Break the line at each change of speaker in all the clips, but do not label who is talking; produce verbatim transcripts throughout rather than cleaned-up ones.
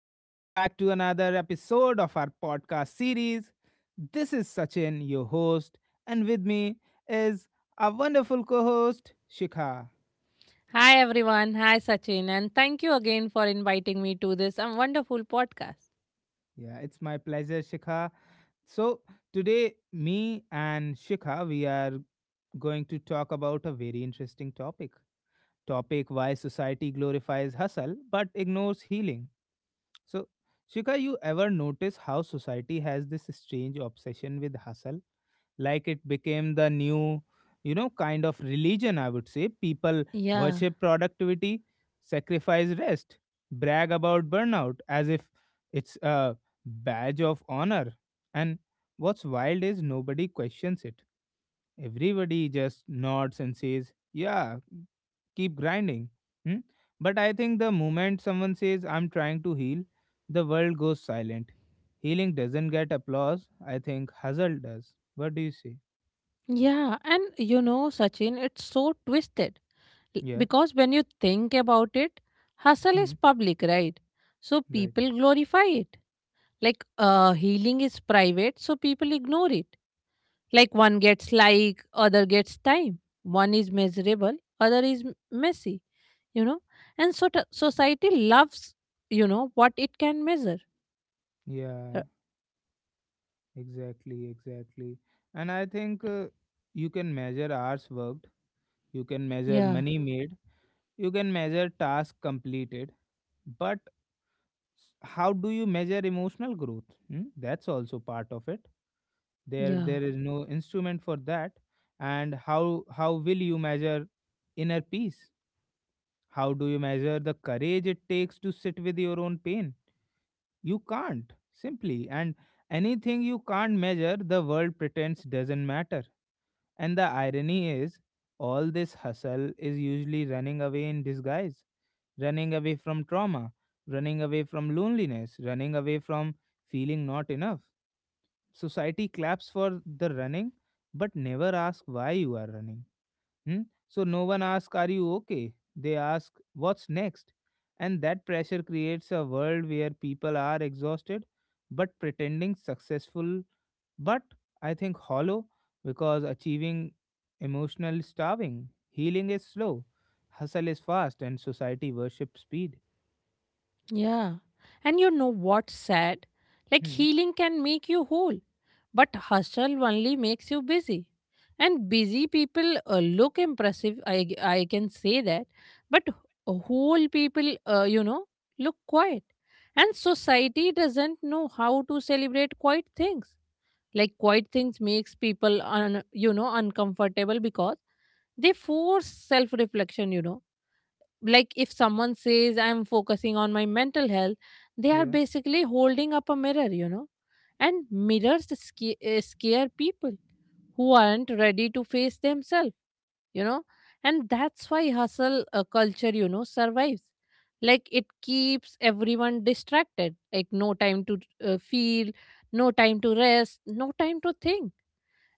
Welcome back to another episode of our podcast series. This is Sachin, your host, and with me is our wonderful co host, Shikha.
Hi everyone. Hi Sachin, and thank you again for inviting me to this um, wonderful podcast.
Yeah, it's my pleasure, Shikha. So, today, me and Shikha, we are going to talk about a very interesting topic topic why society glorifies hustle but ignores healing. So, Shikha, you ever notice how society has this strange obsession with hustle? Like it became the new, you know kind of religion, I would say. People
Yeah.
worship productivity, sacrifice rest, brag about burnout as if it's a badge of honor. And what's wild is nobody questions it. Everybody just nods and says, yeah, keep grinding. Hmm? But I think the moment someone says, I'm trying to heal, the world goes silent. Healing doesn't get applause, I think. Hustle does. What do you say?
Yeah, and you know Sachin, it's so twisted L-
Yeah.
because when you think about it, hustle is
Mm,
public, right? So
right.
people glorify it. Like uh healing is private, so people ignore it. Like one gets like, other gets time. One is miserable, other is m- messy, you know? And so t- society loves, you know, what it can measure uh,
Yeah, exactly, exactly. And I think, uh, you can measure hours worked, you can measure
Yeah,
money made, you can measure task completed, but s- how do you measure emotional growth? Hmm? That's also part of it. There
yeah,
there is no instrument for that. And how how will you measure inner peace? How do you measure the courage it takes to sit with your own pain? You can't, simply. And anything you can't measure, the world pretends doesn't matter. And the irony is, all this hustle is usually running away in disguise, running away from trauma, running away from loneliness, running away from feeling not enough. Society claps for the running, but never asks why you are running. Hmm? So no one asks, are you okay? They ask, what's next? And that pressure creates a world where people are exhausted but pretending successful, but I think hollow, because achieving emotional is starving, healing is slow, hustle is fast, and society worships speed.
yeah. And you know what's sad? Like
Hmm.
healing can make you whole, but hustle only makes you busy. And busy people uh, look impressive, I, g- I can say that, but whole people, uh, you know, look quiet. And society doesn't know how to celebrate quiet things. Like quiet things makes people, un, you know, uncomfortable because they force self-reflection, you know Like if someone says, "I'm focusing on my mental health," they are
Yeah.
basically holding up a mirror you know And mirrors sca- uh, scare people who aren't ready to face themselves you know and that's why hustle uh, culture you know survives. Like it keeps everyone distracted. Like no time to uh, feel, no time to rest, no time to think.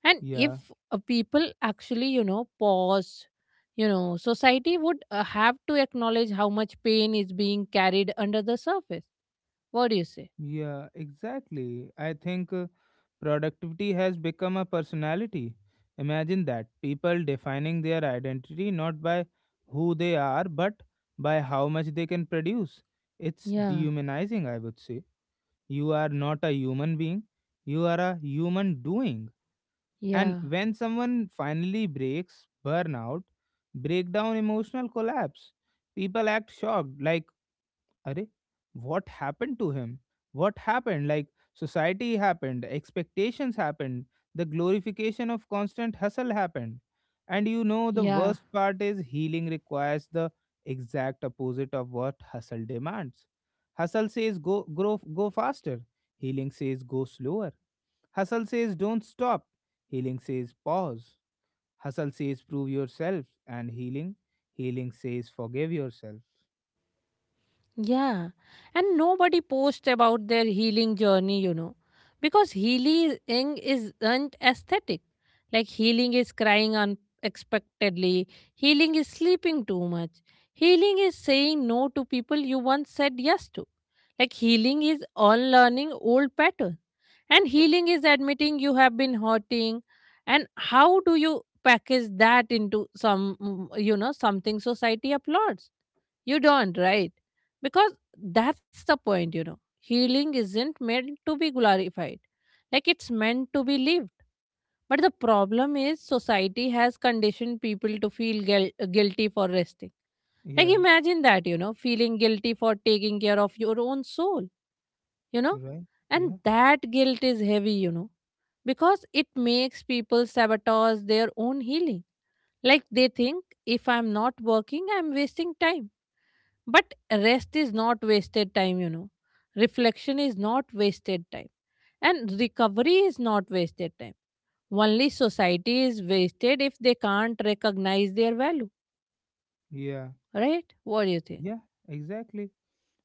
And
Yeah.
if uh, people actually you know pause, you know society would uh, have to acknowledge how much pain is being carried under the surface. What do you say?
Yeah, exactly. I think, uh, productivity has become a personality. Imagine that, people defining their identity not by who they are, but by how much they can produce. It's
Yeah,
dehumanizing, I would say. You are not a human being, you are a human doing. And
yeah,
when someone finally breaks, burnout, breakdown, emotional collapse, people act shocked, like, arey, what happened to him? What happened? Like, society happened, expectations happened, the glorification of constant hustle happened. And you know, the
yeah,
worst part is healing requires the exact opposite of what hustle demands. Hustle says go, grow, go faster. Healing says go slower. Hustle says don't stop. Healing says pause. Hustle says prove yourself. And healing, healing says forgive yourself.
yeah, and nobody posts about their healing journey, you know because healing isn't aesthetic. Like healing is crying unexpectedly, healing is sleeping too much, healing is saying no to people you once said yes to. Like healing is unlearning old patterns. And healing is admitting you have been hurting. And how do you package that into some, mm, you know, something society applauds? You don't, right? Because that's the point, you know. Healing isn't meant to be glorified, like it's meant to be lived. But the problem is, society has conditioned people to feel guil- guilty for resting. Like,
Yeah,
imagine that, you know, feeling guilty for taking care of your own soul you know
right.
and
Yeah.
that guilt is heavy you know because it makes people sabotage their own healing. Like they think, if I'm not working, I'm wasting time. But rest is not wasted time you know reflection is not wasted time, and recovery is not wasted time. Only society is wasted if they can't recognize their value,
Yeah,
right? What do you think?
yeah, exactly.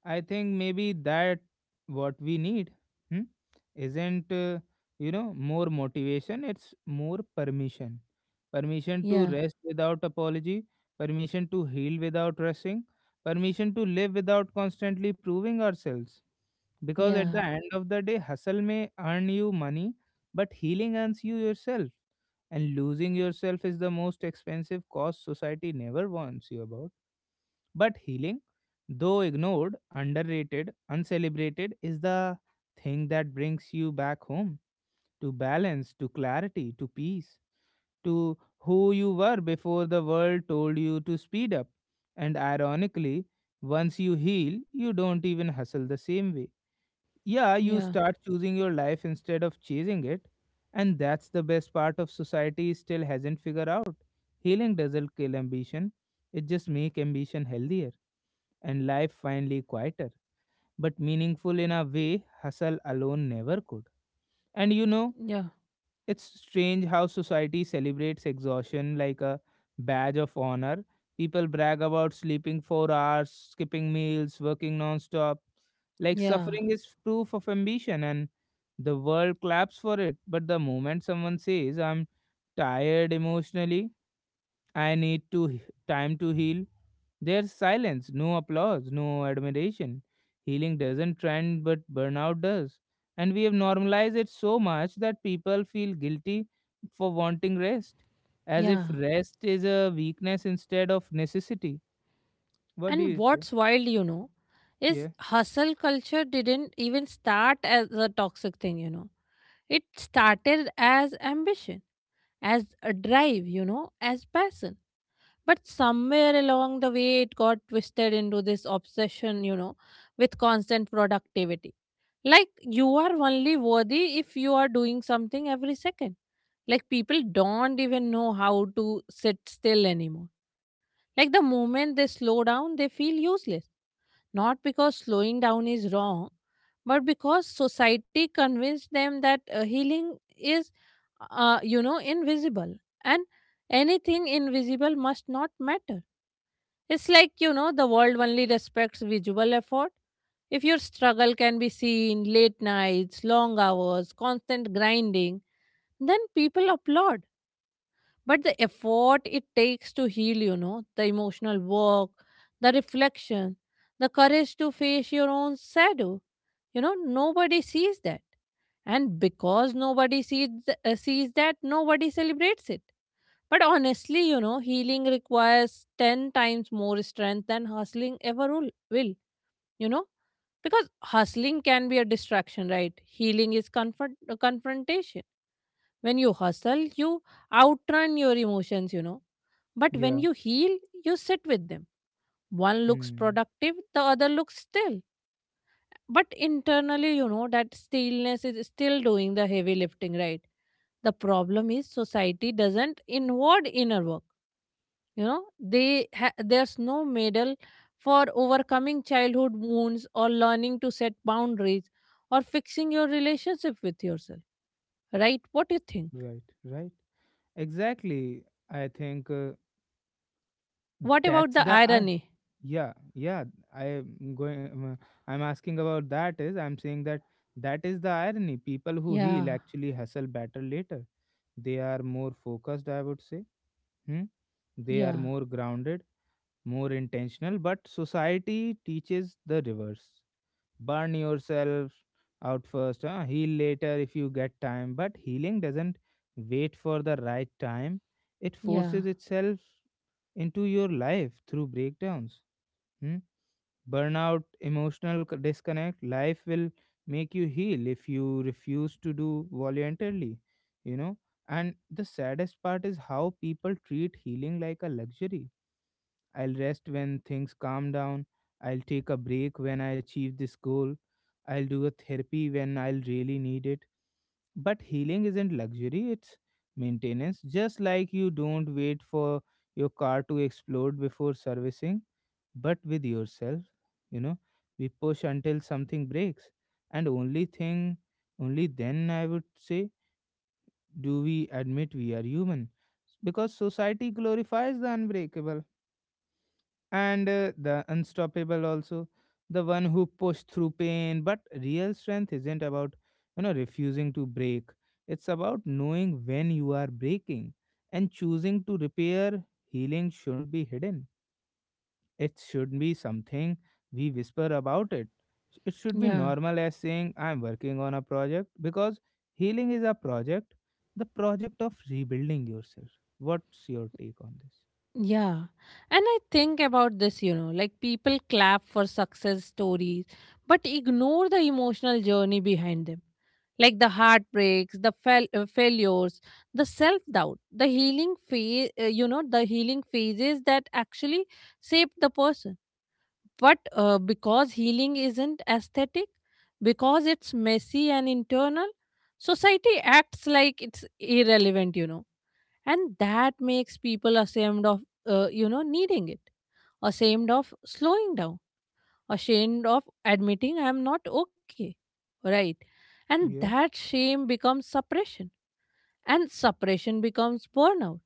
I think maybe that what we need hmm, isn't, uh, you know, more motivation, it's more permission. Permission to
Yeah,
rest without apology, permission to heal without rushing, permission to live without constantly proving ourselves. Because at the
yeah,
end of the day, hustle may earn you money, but healing earns you yourself. And losing yourself is the most expensive cost society never warns you about. But healing, though ignored, underrated, uncelebrated, is the thing that brings you back home, to balance, to clarity, to peace, to who you were before the world told you to speed up. And ironically, once you heal, you don't even hustle the same way. Yeah, you
yeah,
start choosing your life instead of chasing it. And that's the best part of society still hasn't figured out. Healing doesn't kill ambition, it just make ambition healthier and life finally quieter, but meaningful in a way hustle alone never could. And you know,
yeah,
it's strange how society celebrates exhaustion like a badge of honor. People brag about sleeping four hours, skipping meals, working non stop. Like,
yeah,
suffering is proof of ambition, and the world claps for it. But the moment someone says, I'm tired emotionally, I need to he- time to heal, there's silence, no applause, no admiration. Healing doesn't trend, but burnout does. And we have normalized it so much that people feel guilty for wanting rest, as
yeah.
if rest is a weakness instead of necessity. What do
And
you say?
what's wild, you know,
Yeah,
is hustle culture didn't even start as a toxic thing, you know. It started as ambition, as a drive, you know, as passion. But somewhere along the way, it got twisted into this obsession, you know, with constant productivity. Like, you are only worthy if you are doing something every second. Like, people don't even know how to sit still anymore. Like, the moment they slow down, they feel useless, not because slowing down is wrong, but because society convinced them that uh, healing is, uh, you know, invisible, and anything invisible must not matter. It's like, you know, the world only respects visual effort. If your struggle can be seen — late nights, long hours, constant grinding — then people applaud. But the effort it takes to heal, you know, the emotional work, the reflection, the courage to face your own shadow, you know, nobody sees that. And because nobody sees, th- uh, sees that, nobody celebrates it. But honestly, you know, healing requires ten times more strength than hustling ever will, will, you know, because hustling can be a distraction, right? Healing is confront- uh, confrontation. When you hustle, you outrun your emotions, you know. But when
yeah.
you heal, you sit with them. One looks
Hmm.
productive, the other looks still. But internally, you know, that stillness is still doing the heavy lifting, right? The problem is society doesn't inward inner work, you know they ha- there's no medal for overcoming childhood wounds, or learning to set boundaries, or fixing your relationship with yourself, right? What do you think?
Right, right. Exactly. I think, uh,
What about
that's
the
the irony.
irony?
Yeah, yeah. I'm going I'm, I'm asking about that, is, I'm saying that that is the irony. People who heal
Yeah,
actually hustle better later. They are more focused, I would say. Hmm? They are
yeah,
more grounded, more intentional. But society teaches the reverse. Burn yourself out first, huh? Heal later if you get time. But healing doesn't wait for the right time. It
yeah,
forces itself into your life through breakdowns. Hmm? Burnout, emotional c- disconnect. Life will make you heal if you refuse to do voluntarily, you know. And the saddest part is how people treat healing like a luxury. I'll rest when things calm down. I'll take a break when I achieve this goal. I'll do a therapy when I'll really need it. But healing isn't luxury, it's maintenance. Just like you don't wait for your car to explode before servicing, but with yourself, you know we push until something breaks, and only thing only then, I would say, do we admit we are human. Because society glorifies the unbreakable, and uh, the unstoppable also, the one who push through pain. But real strength isn't about you know refusing to break, it's about knowing when you are breaking and choosing to repair. Healing shouldn't be hidden, it should be something we whisper about it. It should be
yeah,
normal as saying, I'm working on a project, because healing is a project, the project of rebuilding yourself. What's your take on this?
yeah. And I think about this, you know, like people clap for success stories, but ignore the emotional journey behind them. Like the heartbreaks, the fail- uh, failures, the self doubt, the healing phase, uh, you know, the healing phases that actually shape the person. But uh, because healing isn't aesthetic, because it's messy and internal, society acts like it's irrelevant, you know and that makes people ashamed of uh, you know needing it, ashamed of slowing down, ashamed of admitting I'm not okay, right? And
Yeah,
that shame becomes suppression, and suppression becomes burnout,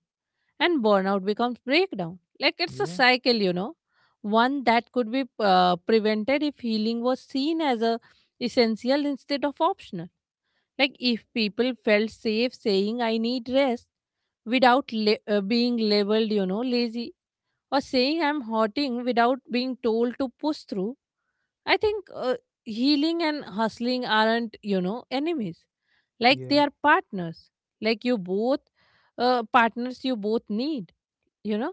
and burnout becomes breakdown. Like it's a
yeah,
cycle, you know one that could be uh, prevented if healing was seen as a essential instead of optional. Like, if people felt safe saying, "I need rest," without la- uh, being labeled, you know, lazy, or saying, "I'm hurting," without being told to push through, I think uh, healing and hustling aren't, you know, enemies. Like, they
yeah,
are partners. Like, you both, uh, partners you both need, you know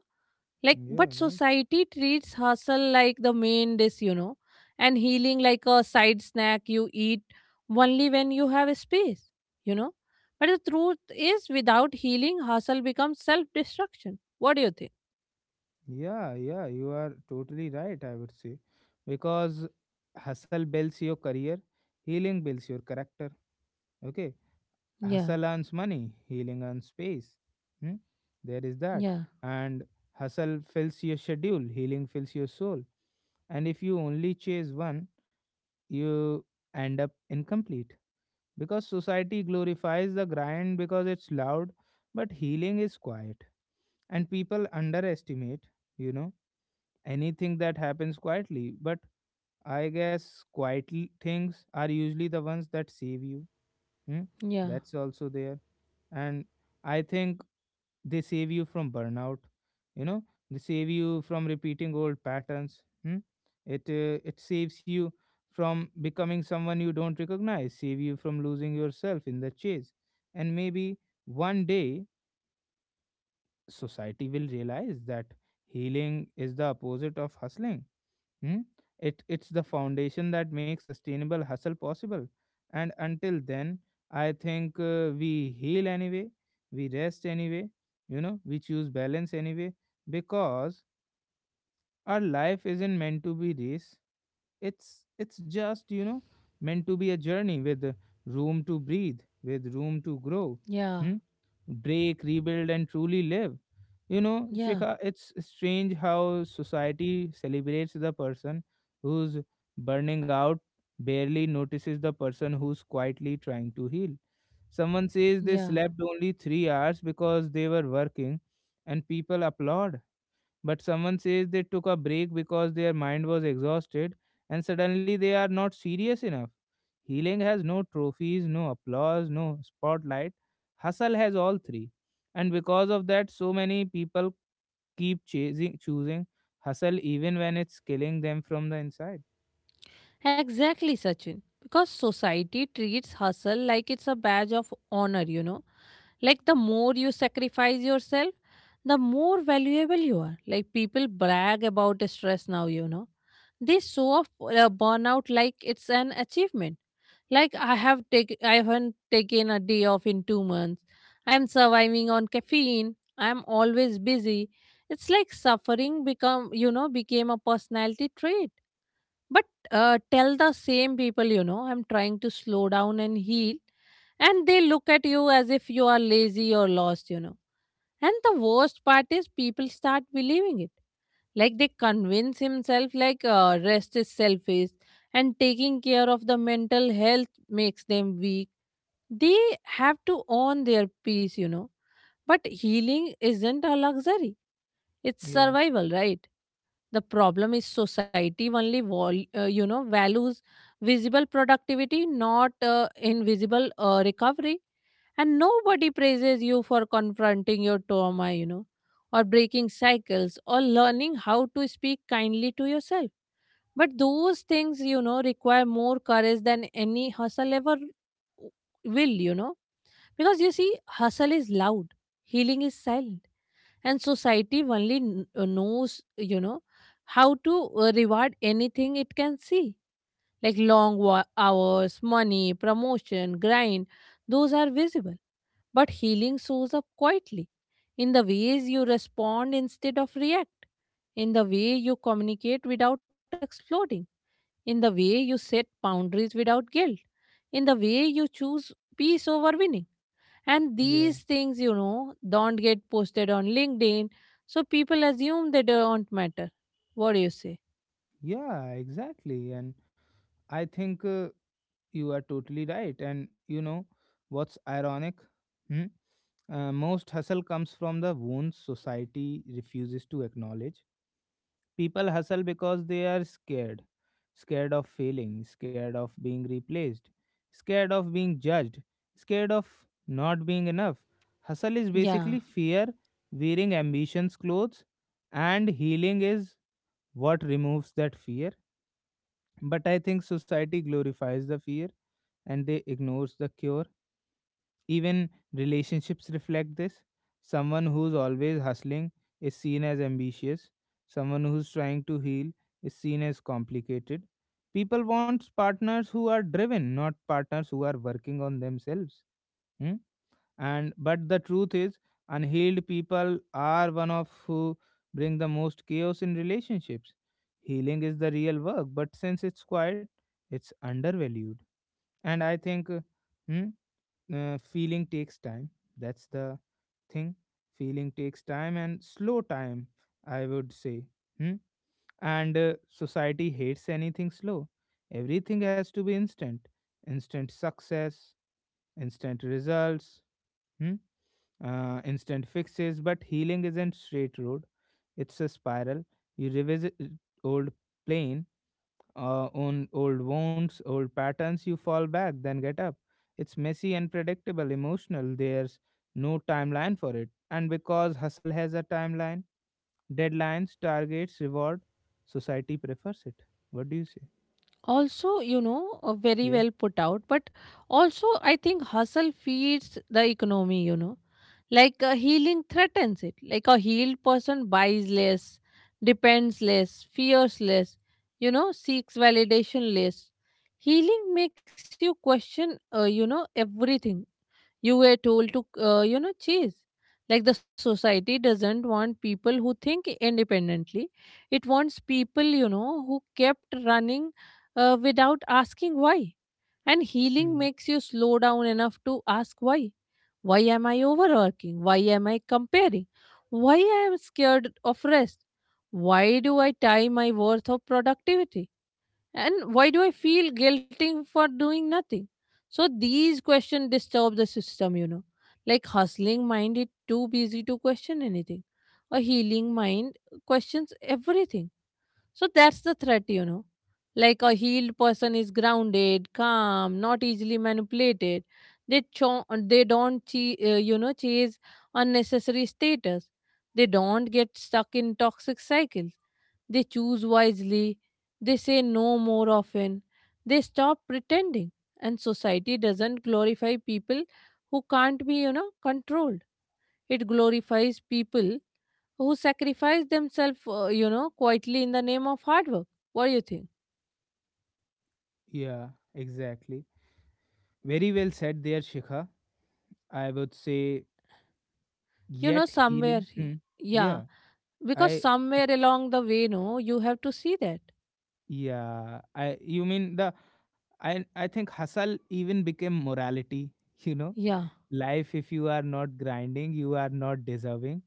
like,
yeah,
but
right.
society treats hustle like the main dish, you know, and healing like a side snack you eat only when you have space, you know. But the truth is, without healing, hustle becomes self destruction. What do you think?
Yeah, yeah, you are totally right, I would say. Because hustle builds your career, healing builds your character. Okay,
Yeah,
hustle earns money, healing earns space. Hmm? There is that.
yeah,
And hustle fills your schedule, healing fills your soul. And if you only chase one, you end up incomplete. Because society glorifies the grind because it's loud, but healing is quiet. And people underestimate, you know, anything that happens quietly. But I guess quiet l- things are usually the ones that save you. Hmm?
yeah,
That's also there. And I think they save you from burnout, you know they save you from repeating old patterns. Hmm? it uh, it saves you from becoming someone you don't recognize, save you from losing yourself in the chase. And maybe one day society will realize that healing is the opposite of hustling. Hmm? It, it's the foundation that makes sustainable hustle possible. And until then, I think, uh, we heal anyway, we rest anyway, you know, we choose balance anyway, because our life isn't meant to be this. It's it's just, you know meant to be a journey with room to breathe, with room to grow.
yeah,
Hmm? Break, rebuild, and truly live. You know,
yeah,
Shikha, it's strange how society celebrates the person who's burning out, barely notices the person who's quietly trying to heal. Someone says they
yeah.
slept only three hours because they were working, and people applaud. But someone says they took a break because their mind was exhausted, and suddenly they are not serious enough. Healing has no trophies, no applause, no spotlight. Hustle has all three. And because of that, so many people keep chasing, choosing hustle even when it's killing them from the inside.
Exactly, Sachin. Because society treats hustle like it's a badge of honor, you know. Like the more you sacrifice yourself, the more valuable you are. Like people brag about stress now, you know. They show off uh, burnout like it's an achievement. Like I have taken, I haven't taken a day off in two months. I'm surviving on caffeine. I'm always busy. It's like suffering become, you know, became a personality trait. But uh, tell the same people, you know, "I'm trying to slow down and heal," and they look at you as if you are lazy or lost, you know. And the worst part is people start believing it. Like they convince himself like uh, rest is selfish, and taking care of the mental health makes them weak. They have to own their peace, you know. But healing isn't a luxury. It's
Yeah,
survival, right? The problem is society only vol- uh, you know values visible productivity, not uh, invisible uh, recovery. And nobody praises you for confronting your trauma, you know, or breaking cycles, or learning how to speak kindly to yourself. But those things, you know, require more courage than any hustle ever will, you know. Because you see, hustle is loud, healing is silent, and society only kn- uh, knows you know how to uh, reward anything it can see, like long wa- hours, money, promotion, grind — those are visible. But healing shows up quietly, in the ways you respond instead of react, in the way you communicate without exploding, in the way you set boundaries without guilt, in the way you choose peace over winning. And
yeah,
these things, you know, don't get posted on LinkedIn, so people assume they don't matter. What do you say?
yeah, exactly. And I think. Uh, You are totally right. And you know what's ironic? Hmm? Uh, most hustle comes from the wounds society refuses to acknowledge. People hustle because they are scared scared of failing, scared of being replaced, scared of being judged, scared of not being enough. Hustle is
Yeah.
basically fear wearing ambition's clothes, and healing is what removes that fear. But I think society glorifies the fear and they ignores the cure. Even relationships reflect this. Someone who's always hustling is seen as ambitious. Someone who's trying to heal is seen as complicated. People want partners who are driven, not partners who are working on themselves. Hmm? And but the truth is, unhealed people are one of who bring the most chaos in relationships. Healing is the real work, but since it's quiet, it's undervalued. And I think, uh, hmm, uh, feeling takes time. That's the thing, feeling takes time, and slow time, I would say. Hmm? And uh, society hates anything slow. Everything has to be instant, instant success, instant results. Hmm uh, Instant fixes, but healing isn't straight road. It's a spiral. You revisit old pain, uh, on old wounds, old patterns. You fall back, then get up. It's messy and predictable, emotional. There's no timeline for it, and because hustle has a timeline, deadlines, targets, reward, society prefers it. What do you say?
Also, you know, uh, very
Yeah.
well put out, but also I think hustle feeds the economy, you know, like uh, healing threatens it. Like a healed person buys less, depends less, fears less, you know, seeks validation less. Healing makes you question, uh, you know, everything you were told to, uh, you know, chase. Like the society doesn't want people who think independently. It wants people, you know, who kept running uh, without asking why. And
Hmm.
healing makes you slow down enough to ask why. Why am I overworking? Why am I comparing? Why I am scared of rest? Why do I tie my worth of productivity? And why do I feel guilty for doing nothing? So these questions disturb the system, you know like hustling mind is too busy to question anything. A healing mind questions everything. So that's the threat you know Like a healed person is grounded, calm, not easily manipulated. They cho- they don't che- uh, you know chase unnecessary status. They don't get stuck in toxic cycles. They choose wisely, they say no more often, they stop pretending, and society doesn't glorify people who can't be, you know, controlled. It glorifies people who sacrifice themselves, uh, you know, quietly in the name of hard work. What do you think?
Yeah. Exactly. Very well said there, Shikha. I would say
You know,
yet
somewhere,
healing. Hmm.
he-
Yeah.
yeah, because
I
somewhere along the way, no, you have to see that.
yeah, I you mean the I I think hustle even became morality, you know.
Yeah,
Life if you are not grinding, you are not deserving.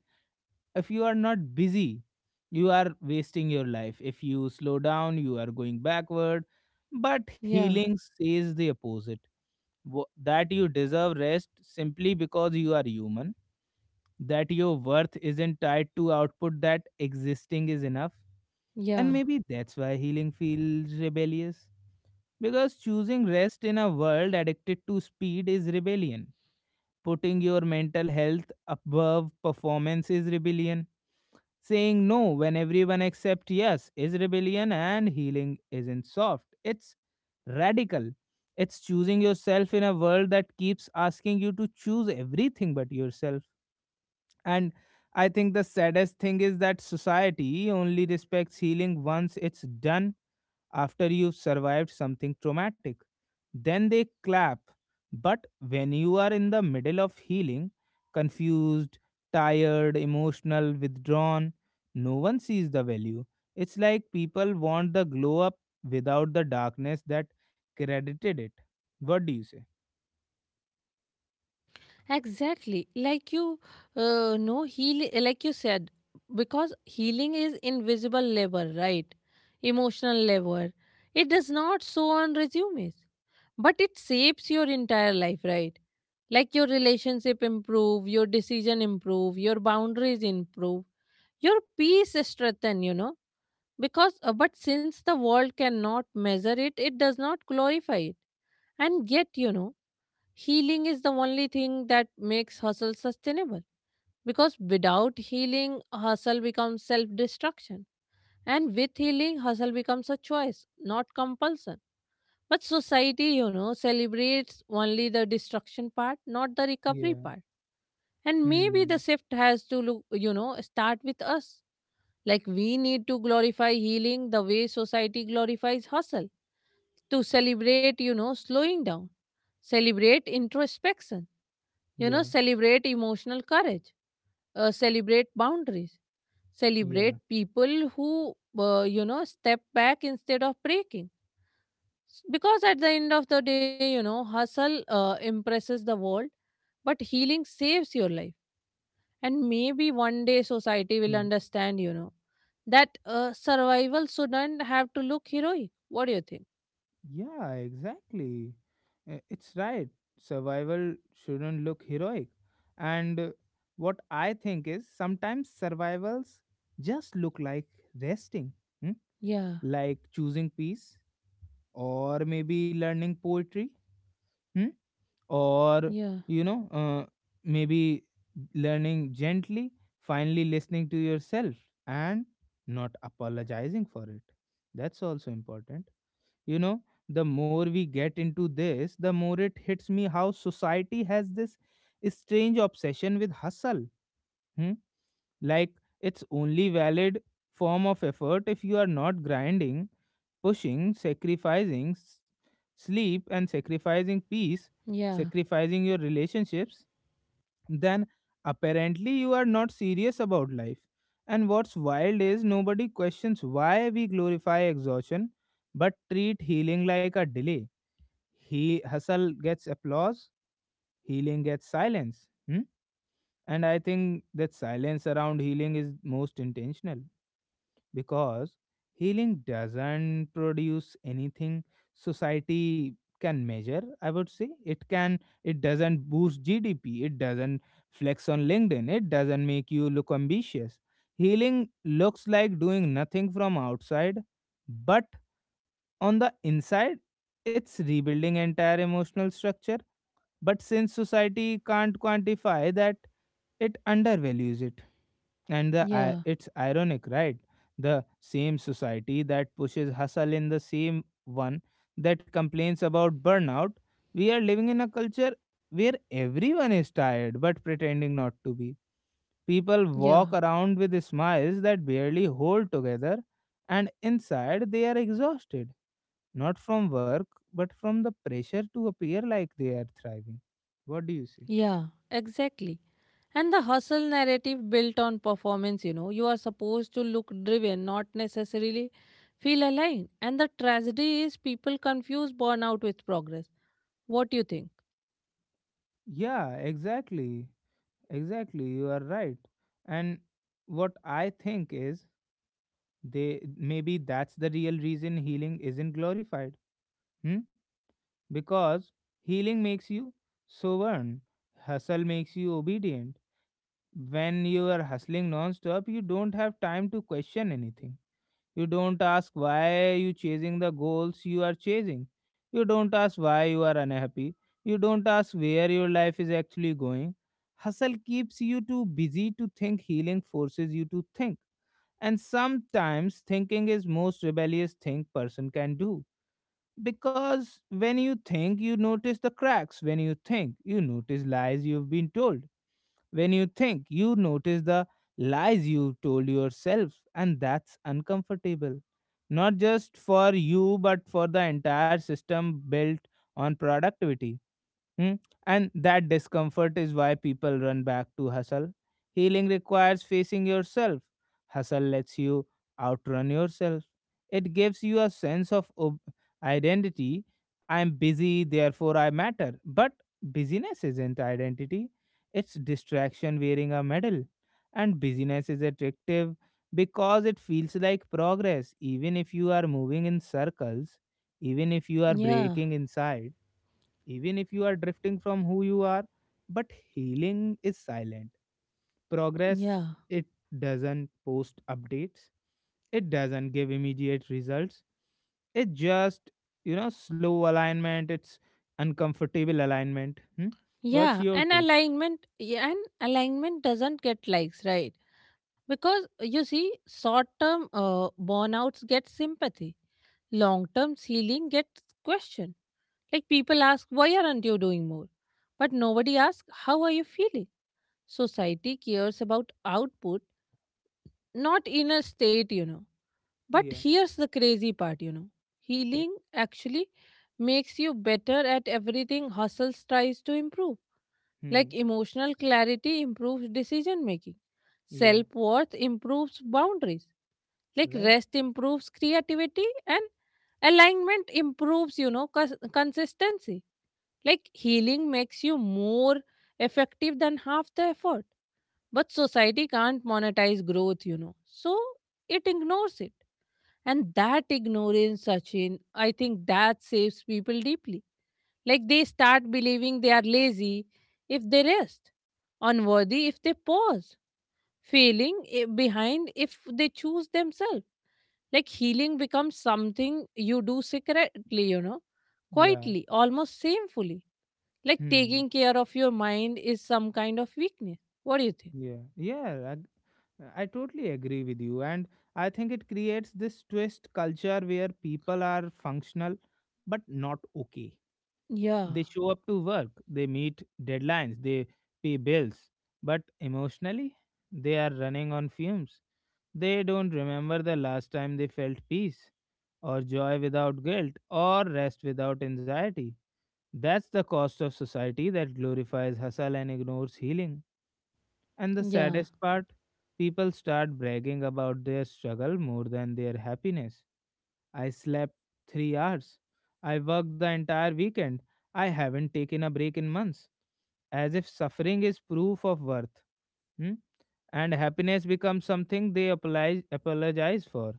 If you are not busy, you are wasting your life. If you slow down, you are going backward. But
yeah,
healing says the opposite. Wo- That you deserve rest simply because you are human, that your worth isn't tied to output, that existing is enough. And
yeah.
maybe that's why healing feels rebellious. Because choosing rest in a world addicted to speed is rebellion. Putting your mental health above performance is rebellion. Saying no when everyone accepts yes is rebellion, and healing isn't soft. It's radical. It's choosing yourself in a world that keeps asking you to choose everything but yourself. And I think the saddest thing is that society only respects healing once it's done, after you've survived something traumatic, then they clap. But when you are in the middle of healing, confused, tired, emotional, withdrawn, no one sees the value. It's like people want the glow up without the darkness that credited it. What do you say?
Exactly. Like you uh, know, heal, like you said, because healing is invisible labor, right? Emotional labor. It does not show on resumes, but it shapes your entire life, right? Like your relationship improve, your decision improve, your boundaries improve, your peace strengthen, you know. Because, uh, but since the world cannot measure it, it does not glorify it. And yet, you know, healing is the only thing that makes hustle sustainable because without healing, hustle becomes self destruction. And with healing, hustle becomes a choice, not compulsion. But society, you know, celebrates only the destruction part, not the recovery
Yeah.
part. And maybe the
Hmm.
shift has to look, you know, start with us. Like we need to glorify healing the way society glorifies hustle, to celebrate, you know, slowing down, celebrate introspection, you know,
Yeah.
celebrate emotional courage, uh, celebrate boundaries, celebrate
Yeah.
people who, uh, you know, step back instead of breaking. S- Because at the end of the day, you know, hustle uh, impresses the world, but healing saves your life. And maybe one day society will
Hmm.
understand, you know, that uh, survival shouldn't have to look heroic. What do you think?
Yeah, exactly. Uh, It's right. Survival shouldn't look heroic. And uh, what I think is sometimes survivals just look like resting, hmm?
Yeah,
Like choosing peace, or maybe learning poetry, hmm? Or,
yeah,
you know, uh, maybe learning gently, finally listening to yourself and not apologizing for it. That's also important, you know. The more we get into this, the more it hits me how society has this strange obsession with hustle, hmm? Like it's only valid form of effort. If you are not grinding, pushing, sacrificing s- sleep, and sacrificing peace,
yeah,
sacrificing your relationships, then apparently you are not serious about life. And what's wild is nobody questions why we glorify exhaustion but treat healing like a delay. He Hustle gets applause, healing gets silence. Hmm? And I think that silence around healing is most intentional, because healing doesn't produce anything society can measure. I would say it can. It doesn't boost GDP, it doesn't flex on LinkedIn, it doesn't make you look ambitious. Healing looks like doing nothing from outside, but on the inside it's rebuilding entire emotional structure. But since society can't quantify that, it undervalues it. And the, i-
yeah,
it's ironic, right? The same society that pushes hustle in the same one that complains about burnout. We are living in a culture where everyone is tired but pretending not to be. People
yeah,
walk around with smiles that barely hold together, and inside they are exhausted. Not from work, but from the pressure to appear like they are thriving. What do you say?
yeah, exactly. And the hustle narrative built on performance, you know, you are supposed to look driven, not necessarily feel aligned. And the tragedy is people confuse burnout with progress. What do you think?
Yeah, exactly. Exactly. You are right. And what I think is, they maybe that's the real reason healing isn't glorified. Hmm? Because healing makes you sovereign. Hustle makes you obedient. When you are hustling non-stop, you don't have time to question anything. You don't ask why you chasing the goals you are chasing. You don't ask why you are unhappy. You don't ask where your life is actually going. Hustle keeps you too busy to think, healing forces you to think. And sometimes thinking is most rebellious thing person can do. Because when you think, you notice the cracks. When you think, you notice lies you've been told. When you think, you notice the lies you told yourself, and that's uncomfortable. Not just for you, but for the entire system built on productivity. Hmm. And that discomfort is why people run back to hustle. Healing requires facing yourself. Hustle lets you outrun yourself. It gives you a sense of ob- identity. I'm busy, therefore I matter. But busyness isn't identity, it's distraction wearing a medal. And busyness is attractive because it feels like progress, even if you are moving in circles, even if you are
Yeah,
breaking inside, even if you are drifting from who you are. But healing is silent. Progress,
yeah,
it doesn't post updates, it doesn't give immediate results. It's just, you know, slow alignment, it's uncomfortable alignment. Hmm? What's
Yeah,
your
and
take?
alignment, yeah, and alignment doesn't get likes, right? Because you see, short-term uh, burnouts get sympathy, long-term healing gets question. Like people ask, why aren't you doing more? But nobody asks, how are you feeling? Society cares about output, not inner state, you know. But
Yeah.
here's the crazy part, you know. Healing actually makes you better at everything hustle tries to improve.
Hmm.
Like emotional clarity improves decision making,
Yeah.
self worth improves boundaries, like
Right?
rest improves creativity, and alignment improves, you know, cons- consistency. Like healing makes you more effective than half the effort. But society can't monetize growth, you know. So it ignores it. And that ignorance, Sachin, I think that saves people deeply. Like they start believing they are lazy if they rest, unworthy if they pause, failing i- behind if they choose themselves. Like healing becomes something you do secretly, you know,
Yeah.
quietly, almost shamefully. Like
Hmm.
taking care of your mind is some kind of weakness. What do you think?
Yeah, yeah, I, I totally agree with you, and I think it creates this twist culture where people are functional but not okay. They
Yeah,
show up to work, they meet deadlines, they pay bills, but emotionally, they are running on fumes. They don't remember the last time they felt peace, or joy without guilt, or rest without anxiety. That's the cost of society that glorifies hustle and ignores healing. And the
yeah.
saddest part, people start bragging about their struggle more than their happiness. I slept three hours. I worked the entire weekend. I haven't taken a break in months. As if suffering is proof of worth. Hmm? And happiness becomes something they apologize, apologize for.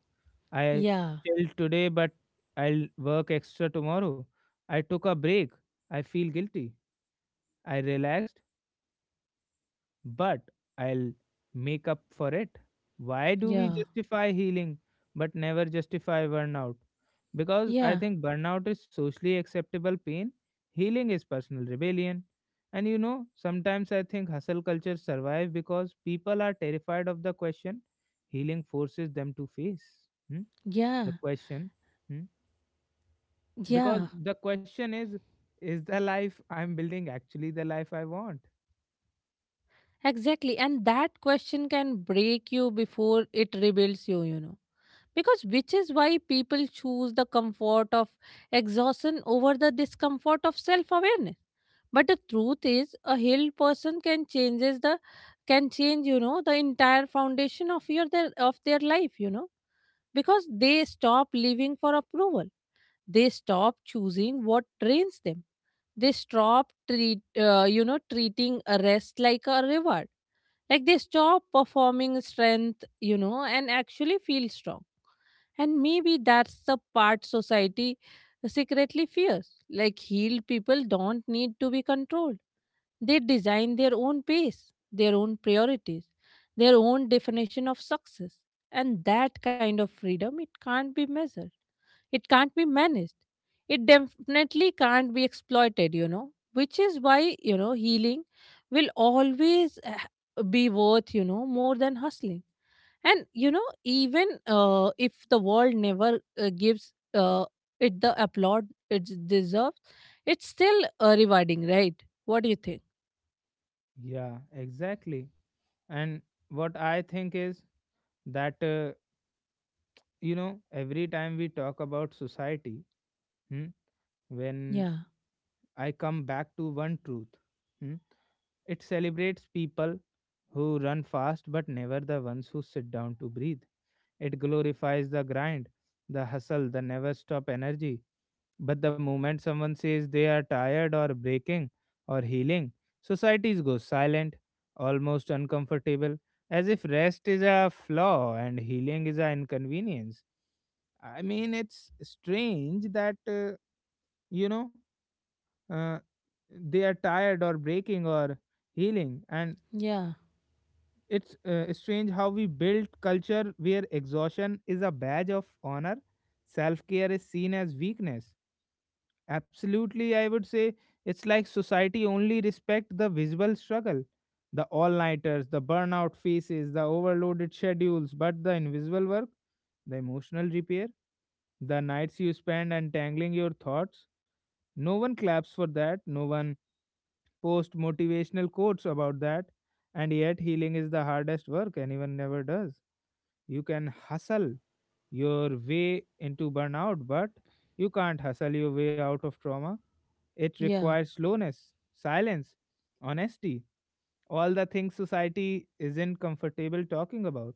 I
Yeah,
chilled today, but I'll work extra tomorrow. I took a break. I feel guilty. I relaxed, but I'll make up for it. Why do we
yeah,
justify healing but never justify burnout? Because I
yeah,
think burnout is socially acceptable pain, healing is personal rebellion. And you know, sometimes I think hustle culture survive because people are terrified of the question healing forces them to face. Hmm. The
yeah,
question. Hmm.
yeah.
Because the question is, is the life I'm building actually the life I want?
Exactly. And that question can break you before it rebuilds you, you know. Because which is why people choose the comfort of exhaustion over the discomfort of self awareness. But the truth is a healed person can changes the can change, you know, the entire foundation of your their of their life, you know. Because they stop living for approval. They stop choosing what drains them, they stop treat uh, you know treating a rest like a reward, like they stop performing strength, you know and actually feel strong. And maybe that's the part society secretly fears, like healed people don't need to be controlled, they design their own pace, their own priorities, their own definition of success. And that kind of freedom, it can't be measured, it can't be managed. It definitely can't be exploited, you know, which is why, you know, healing will always eh, be worth, you know, more than hustling. And, you know, even uh, if the world never uh, gives uh, it the applaud it deserves, it's still uh, rewarding, right? What do you think?
Yeah, exactly. And what I think is that, uh, you know, every time we talk about society, hmm, when
Yeah,
I come back to one truth, hmm, it celebrates people who run fast but never the ones who sit down to breathe. It glorifies the grind, the hustle, the never stop energy. But the moment someone says they are tired or breaking or healing, societies go silent, almost uncomfortable, as if rest is a flaw and healing is an inconvenience. I mean, it's strange that, uh, you know, uh, they are tired or breaking or healing. And
yeah,
it's uh, strange how we build culture where exhaustion is a badge of honor, self care is seen as weakness. Absolutely, I would say it's like society only respect the visible struggle, the all-nighters, the burnout faces, the overloaded schedules, but the invisible work, the emotional repair, the nights you spend untangling your thoughts, no one claps for that, no one posts motivational quotes about that, and yet healing is the hardest work anyone never does. You can hustle your way into burnout, but you can't hustle your way out of trauma. It
yeah.
requires slowness, silence, honesty, all the things society isn't comfortable talking about.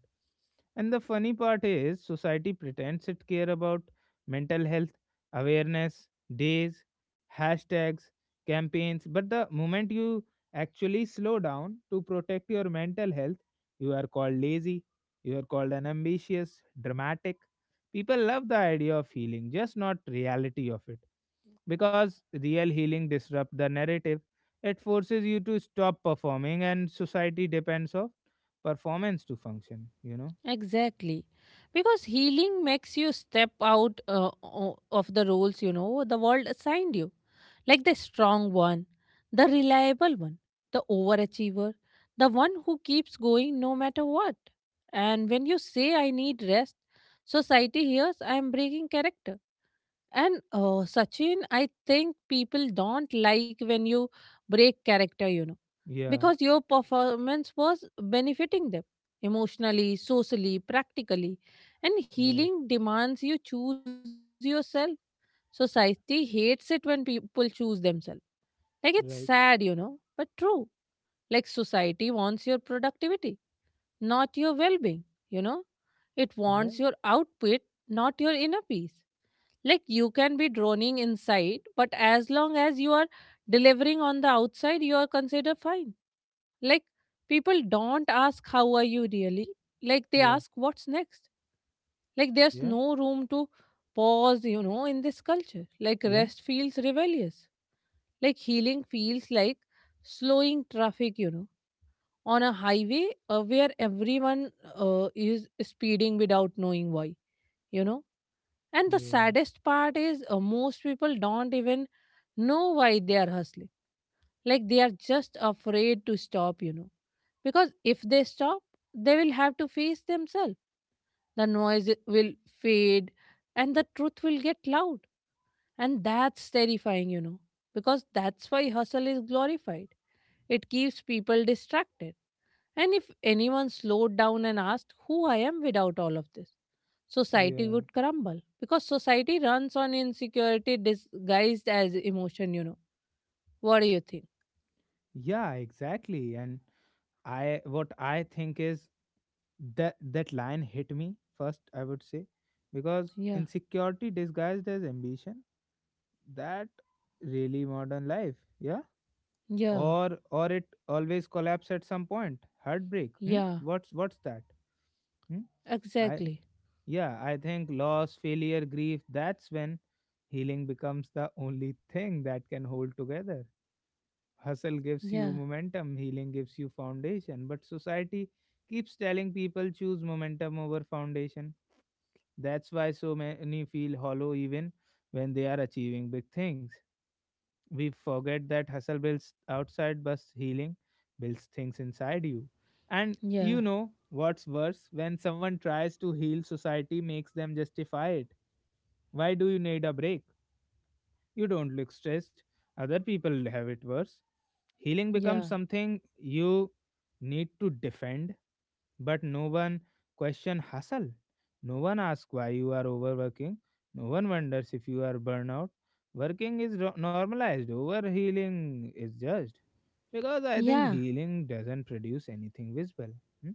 And the funny part is, society pretends it care about mental health, awareness, days, hashtags, campaigns, but the moment you actually slow down to protect your mental health, you are called lazy, you are called unambitious, dramatic. People love the idea of healing, just not reality of it, because real healing disrupts the narrative. It forces you to stop performing and society depends of performance to function, you know.
Exactly. Because healing makes you step out uh, o- of the roles, you know, the world assigned you. Like the strong one, the reliable one, the overachiever, the one who keeps going no matter what. And when you say, I need rest, society hears I am breaking character. And uh, Sachin, I think people don't like when you break character, you know
Yeah.
because your performance was benefiting them emotionally, socially, practically. And
Right.
healing demands you choose yourself. Society hates it when people choose themselves. Like it's
Right.
sad, you know, but true. Like society wants your productivity, not your well being, you know, it wants
Right.
your output, not your inner peace. Like you can be droning inside, but as long as you are delivering on the outside, you are considered fine, like people don't ask, how are you really? Like they
Yeah.
ask, what's next. Like there's
Yeah.
no room to pause, you know, in this culture. Like
Yeah.
rest feels rebellious. Like healing feels like slowing traffic, you know, on a highway uh, where everyone uh, is speeding without knowing why, you know. And the
Yeah.
saddest part is uh, most people don't even know why they are hustling, like they are just afraid to stop, you know. Because if they stop, they will have to face themselves. The noise will fade and the truth will get loud. And that's terrifying, you know. Because that's why hustle is glorified. It keeps people distracted. And if anyone slowed down and asked who I am without all of this, society
Yeah.
would crumble because society runs on insecurity disguised as emotion, you know. What do you think?
Yeah, exactly. And I, what i think is that that line hit me first, I would say, because
Yeah,
insecurity disguised as ambition, that really modern life. Yeah.
yeah.
Or or it always collapse at some point. Heartbreak, hmm?
Yeah,
what's what's that, hmm? I,
exactly.
yeah, I think loss, failure, grief, that's when healing becomes the only thing that can hold together. Hustle gives you
Yeah,
momentum, healing gives you foundation, but society keeps telling people choose momentum over foundation. That's why so many feel hollow even when they are achieving big things. We forget that hustle builds outside but healing builds things inside you. And
yeah,
you know what's worse, when someone tries to heal society makes them justify it. Why do you need a break? You don't look stressed. Other people have it worse. Healing
yeah,
becomes something you need to defend, but no one question hustle. No one asks why you are overworking. No one wonders if you are burnout. Working is ro- normalized. Over healing is judged. Because I think
yeah,
healing doesn't produce anything visible. Hmm?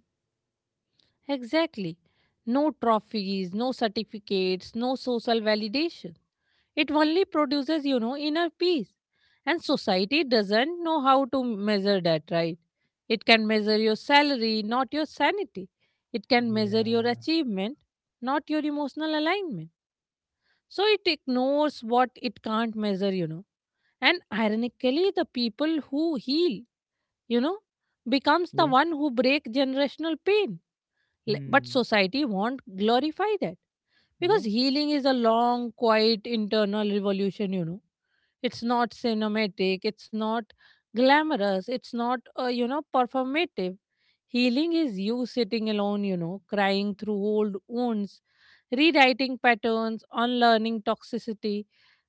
exactly. No trophies, no certificates, no social validation. It only produces, you know, inner peace. And society doesn't know how to measure that, right? It can measure your salary, not your sanity. It can measure
Yeah.
your achievement, not your emotional alignment. So it ignores what it can't measure, you know. And ironically, the people who heal, you know, becomes the
Yeah.
one who break generational pain. L- But
Hmm.
society won't glorify that
Yeah.
because healing is a long, quiet internal revolution. You know, it's not cinematic, it's not glamorous, it's not uh, you know performative. Healing is you sitting alone, you know, crying through old wounds, rewriting patterns, unlearning toxicity,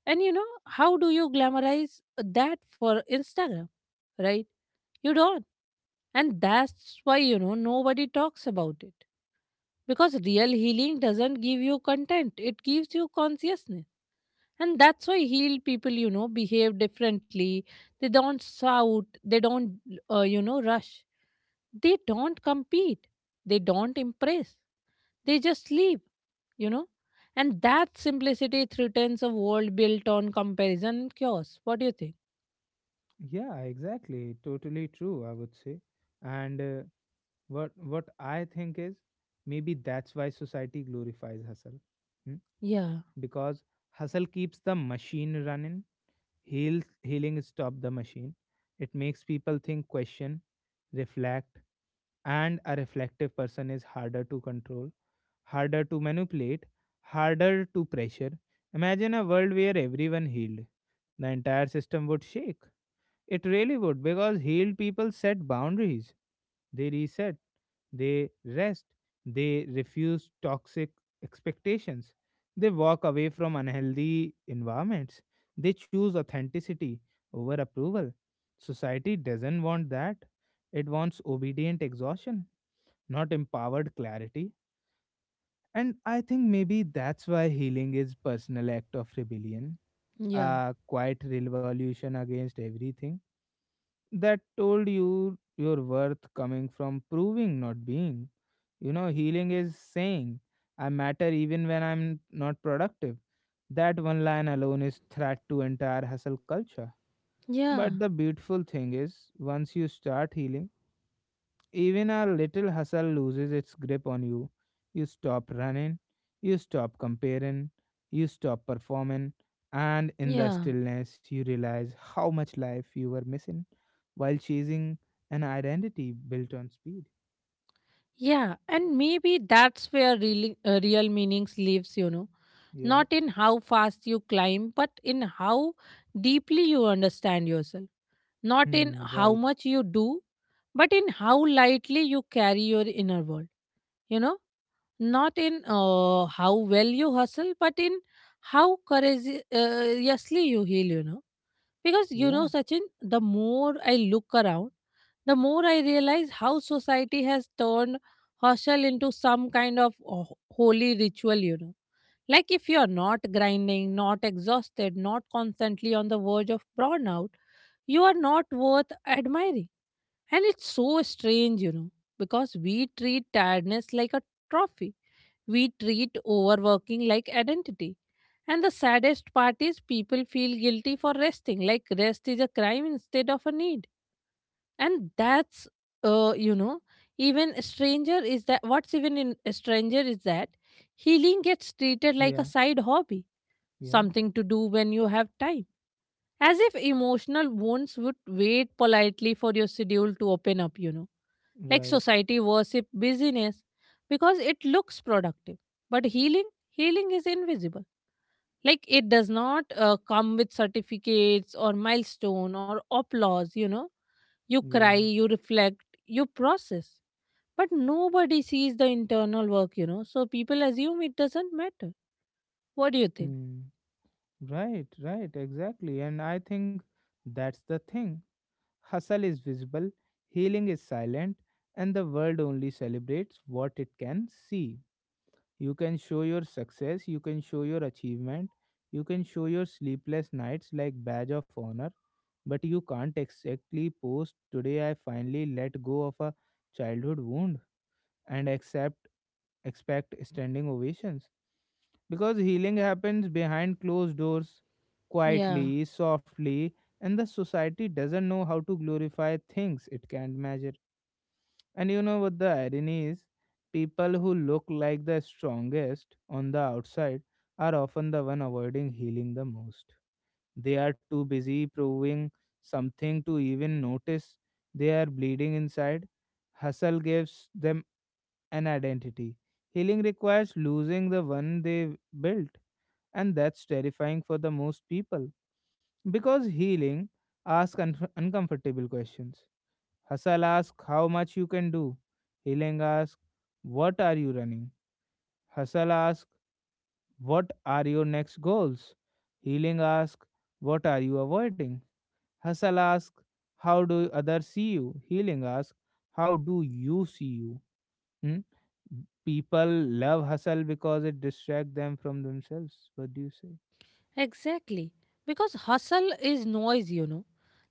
and you know how do you glamorize that for Instagram, right? You don't. And that's why, you know, nobody talks about it. Because real healing doesn't give you content, it gives you consciousness. And that's why healed people, you know, behave differently. They don't shout, they don't, uh, you know, rush. They don't compete, they don't impress, they just leave, you know. And that simplicity threatens a world built on comparison and chaos. What do you think?
Yeah. Exactly. Totally true. I would say. And uh, what what I think is maybe that's why society glorifies hustle, hmm?
Yeah,
Because hustle keeps the machine running. Heal, healing stop the machine. It makes people think, question, reflect, and a reflective person is harder to control, harder to manipulate, harder to pressure. Imagine a world where everyone healed. The entire system would shake. It really would, because healed people set boundaries. They reset, they rest, they refuse toxic expectations. They walk away from unhealthy environments. They choose authenticity over approval. Society doesn't want that. It wants obedient exhaustion, not empowered clarity. And I think maybe that's why healing is personal act of rebellion,
yeah,
a quiet revolution against everything that told you your worth coming from proving, not being. You know, healing is saying, I matter even when I'm not productive. That one line alone is threat to entire hustle culture. But
yeah,
the beautiful thing is, once you start healing, even a little hustle loses its grip on you. You stop running, you stop comparing, you stop performing, and in the
yeah.
stillness, you realize how much life you were missing while chasing an identity built on speed.
Yeah, and maybe that's where real, uh, real meanings lives, you know.
Yeah.
Not in how fast you climb, but in how deeply you understand yourself. Not in
Hmm.
how
Right.
much you do, but in how lightly you carry your inner world, you know. Not in uh, how well you hustle, but in how courageously you heal, you know. Because, you
Yeah.
know, Sachin, the more I look around, the more I realize how society has turned hostel into some kind of uh, ho- holy ritual, you know. Like if you're not grinding, not exhausted, not constantly on the verge of burnout, you are not worth admiring. And it's so strange, you know, because we treat tiredness like a trophy. We treat overworking like identity. And the saddest part is people feel guilty for resting, like rest is a crime instead of a need. And that's uh you know even stranger, is that what's even in stranger is that healing gets treated like
Yeah.
a side hobby,
Yeah.
something to do when you have time, as if emotional wounds would wait politely for your schedule to open up, you know like
Right.
society worship busyness because it looks productive, but healing, healing is invisible. Like it does not uh, come with certificates or milestone or applause, you know you cry,
Yeah.
you reflect, you process. But nobody sees the internal work, you know, so people assume it doesn't matter. What do you think?
Hmm. Right. Right. Exactly. And I think that's the thing. Hustle is visible, healing is silent, and the world only celebrates what it can see. You can show your success, you can show your achievement, you can show your sleepless nights like badge of honor, but you can't exactly post today I finally let go of a childhood wound and accept expect standing ovations because healing happens behind closed doors,
Yeah.
quietly, softly, and the society doesn't know how to glorify things it can't measure. And you know what the irony is? People who look like the strongest on the outside are often the one avoiding healing the most. They are too busy proving something to even notice they are bleeding inside. Hustle gives them an identity. Healing requires losing the one they built, and that's terrifying for the most people because healing asks unf- uncomfortable questions. Hustle asks how much you can do. Healing asks what are you running. Hustle asks what are your next goals. Healing asks what are you avoiding. Hustle asks how do others see you. Healing asks how do you see you. Hmm? People love hustle because it distracts them from themselves. What do you say?
Exactly. Because hustle is noise, you know.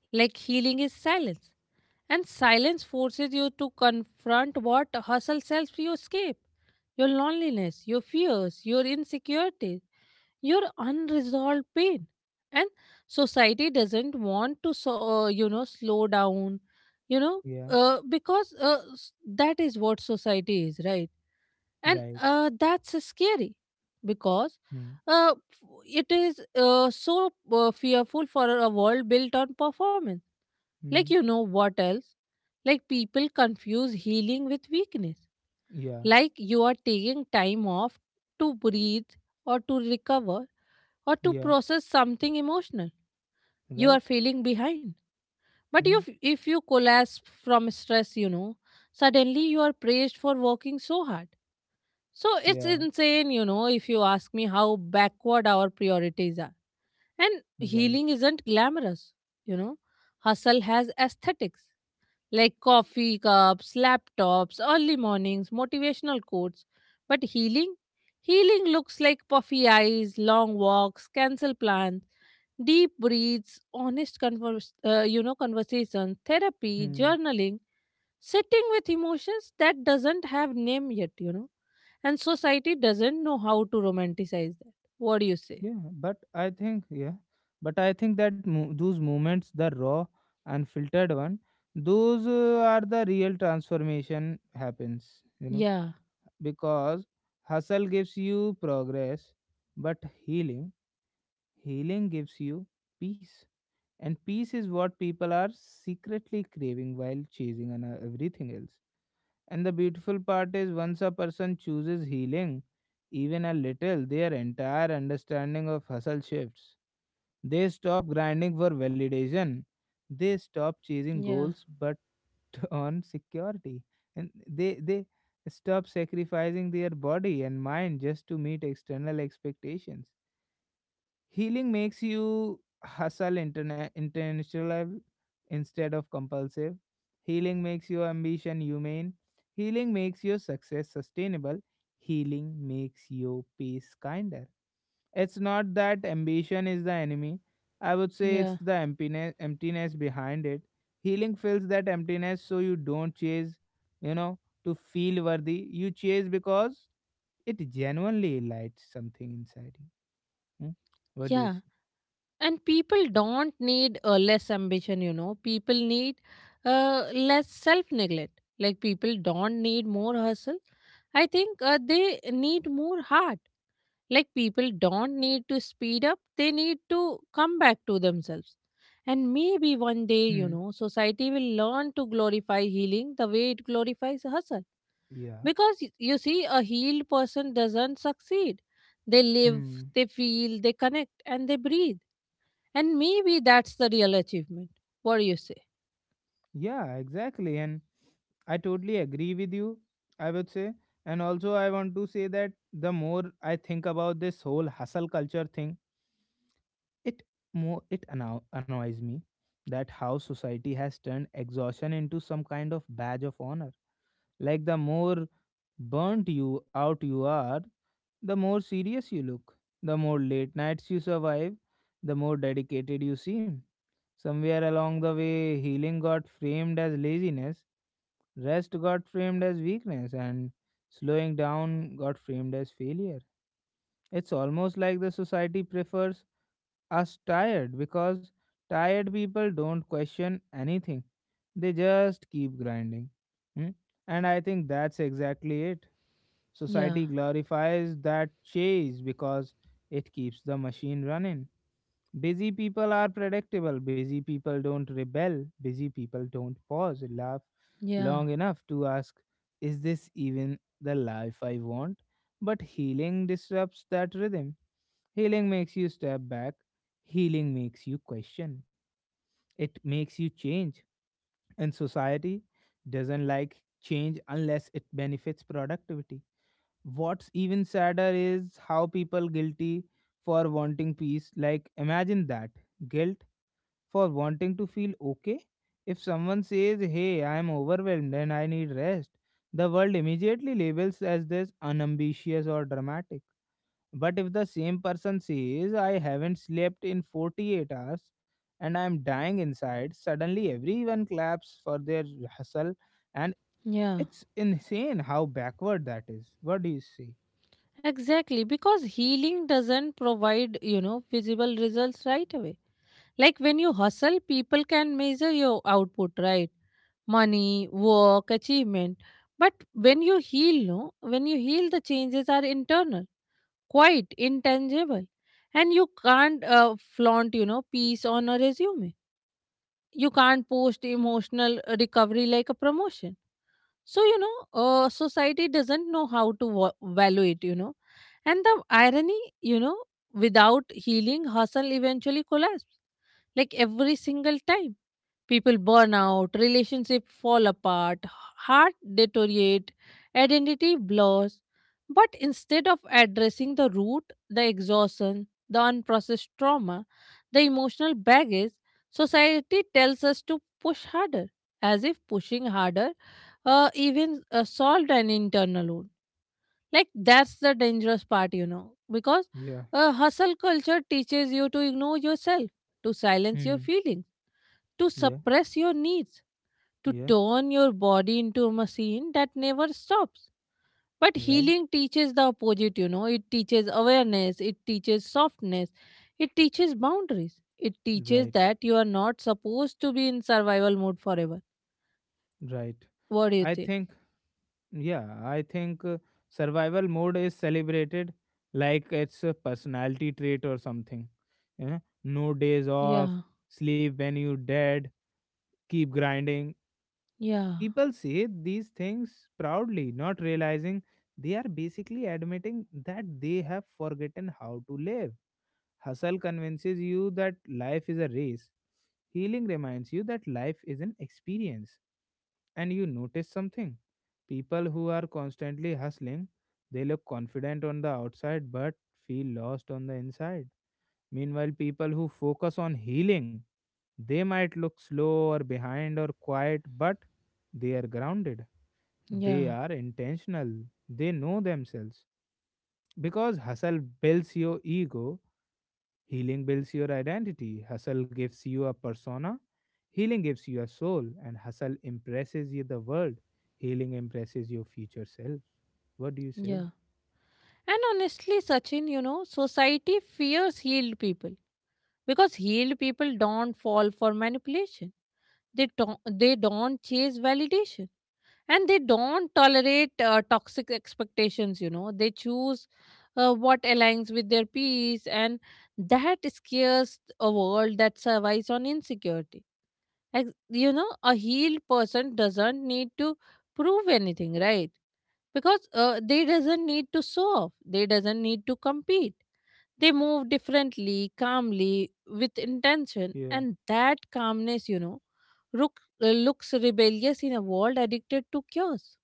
Like healing is silence. And silence forces you to confront what hustle sells you escape your loneliness, your fears, your insecurities, your unresolved pain. And society doesn't want to so uh, you know slow down, you know
Yeah.
uh, because uh, s- that is what society is, right? And
Right.
uh, that's scary because
Hmm.
uh, f- it is uh, so uh, fearful for a world built on performance. Like
Hmm.
you know what else, like people confuse healing with weakness,
Yeah.
like you are taking time off to breathe or to recover or to
Yeah.
process something emotional. You
Right.
are feeling behind. But you,
Hmm.
if you collapse from stress, you know, suddenly you are praised for working so hard. So it's
Yeah.
insane, you know, if you ask me how backward our priorities are. And
Right.
healing isn't glamorous, you know. Hustle has aesthetics like coffee cups, laptops, early mornings, motivational quotes. But healing? Healing looks like puffy eyes, long walks, cancel plans, deep breaths, honest converse, uh, you know, conversation, therapy,
Hmm.
journaling, sitting with emotions that doesn't have name yet, you know, and society doesn't know how to romanticize that. What do you say?
Yeah, but I think, yeah, but I think that mo- those moments, the raw and filtered one, those uh, are the real transformation happens, you know,
Yeah,
because hustle gives you progress but healing, healing gives you peace. And peace is what people are secretly craving while chasing on uh, everything else. And the beautiful part is once a person chooses healing, even a little, their entire understanding of hustle shifts. They stop grinding for validation. They stop chasing
yeah,
goals but on security. And they they stop sacrificing their body and mind just to meet external expectations. Healing makes you hustle interna- intentional instead of compulsive. Healing makes your ambition humane. Healing makes your success sustainable. Healing makes your peace kinder. It's not that ambition is the enemy. I would say it's
yeah,
the emptiness, emptiness behind it. Healing fills that emptiness so you don't chase, you know, to feel worthy. You chase because it genuinely lights something inside you. Hmm? What do you
yeah.
say?
And people don't need uh, less ambition, you know. People need uh, less self neglect. Like people don't need more hustle. I think uh, they need more heart. Like people don't need to speed up, they need to come back to themselves. And maybe one day, you
Hmm.
know, society will learn to glorify healing the way it glorifies hustle.
Yeah.
Because y- you see, a healed person doesn't succeed. They live,
Mm.
they feel, they connect, and they breathe. And maybe that's the real achievement. What do you say?
Yeah, exactly. And I totally agree with you, I would say. And also, I want to say that the more I think about this whole hustle culture thing, it more it anno- annoys me that how society has turned exhaustion into some kind of badge of honor. Like the more burnt you out you are, the more serious you look, the more late nights you survive, the more dedicated you seem. Somewhere along the way, healing got framed as laziness, rest got framed as weakness, and slowing down got framed as failure. It's almost like the society prefers us tired because tired people don't question anything, they just keep grinding. Hmm? And I think that's exactly it.
Yeah,
Society glorifies that chase because it keeps the machine running. Busy people are predictable. Busy people don't rebel. Busy people don't pause, laugh
yeah,
long enough to ask, is this even the life I want? But healing disrupts that rhythm. Healing makes you step back. Healing makes you question. It makes you change. And society doesn't like change unless it benefits productivity. What's even sadder is how people guilty for wanting peace. Like, imagine that guilt for wanting to feel okay. If someone says, hey, I am overwhelmed and I need rest, the world immediately labels as this unambitious or dramatic. But if the same person says, I haven't slept in forty-eight hours and I am dying inside, suddenly everyone claps for their hustle. And
yeah.
it's insane how backward that is. What do you say?
Exactly, because healing doesn't provide, you know, visible results right away. Like when you hustle, people can measure your output, right? Money, work, achievement. But when you heal, no, when you heal, the changes are internal, quite intangible. And you can't uh, flaunt, you know, peace on a resume. You can't post emotional recovery like a promotion. So, you know, uh, society doesn't know how to wa- value it, you know. And the irony, you know, without healing, hustle eventually collapses, like every single time. People burn out, relationships fall apart, heart deteriorate, identity blurs. But instead of addressing the root, the exhaustion, the unprocessed trauma, the emotional baggage, society tells us to push harder, as if pushing harder uh, even uh, solved an internal wound. Like that's the dangerous part, you know, because
Yeah.
uh, hustle culture teaches you to ignore yourself, to silence your
Hmm.
feelings, to
Yeah.
suppress your needs to
Yeah.
turn your body into a machine that never stops. But
Right.
healing teaches the opposite, you know. It teaches awareness, it teaches softness, it teaches boundaries, it teaches
Right.
that you are not supposed to be in survival mode forever.
Right.
What do you
I
think?
think. Yeah, I think uh, survival mode is celebrated like it's a personality trait or something. You know, no days off,
Yeah,
sleep when you dead, keep grinding.
yeah,
People say these things proudly, not realizing they are basically admitting that they have forgotten how to live. Hustle convinces you that life is a race. Healing reminds you that life is an experience. And you notice something. People who are constantly hustling, they look confident on the outside but feel lost on the inside. Meanwhile, people who focus on healing, they might look slow or behind or quiet, but they are grounded. They
yeah,
are intentional. They know themselves. Because hustle builds your ego, healing builds your identity, hustle gives you a persona, healing gives you a soul, and hustle impresses you the world. Healing impresses your future self. What do you say?
yeah. And honestly, Sachin, you know, society fears healed people because healed people don't fall for manipulation. They don't, they don't chase validation and they don't tolerate uh, toxic expectations, you know they choose uh, what aligns with their peace, and that scares a world that survives on insecurity. Ex- you know a healed person doesn't need to prove anything, right? Because uh, they doesn't need to show off, they doesn't need to compete, they move differently, calmly, with intention,
Yeah,
and that calmness, you know look, looks rebellious in a world addicted to chaos.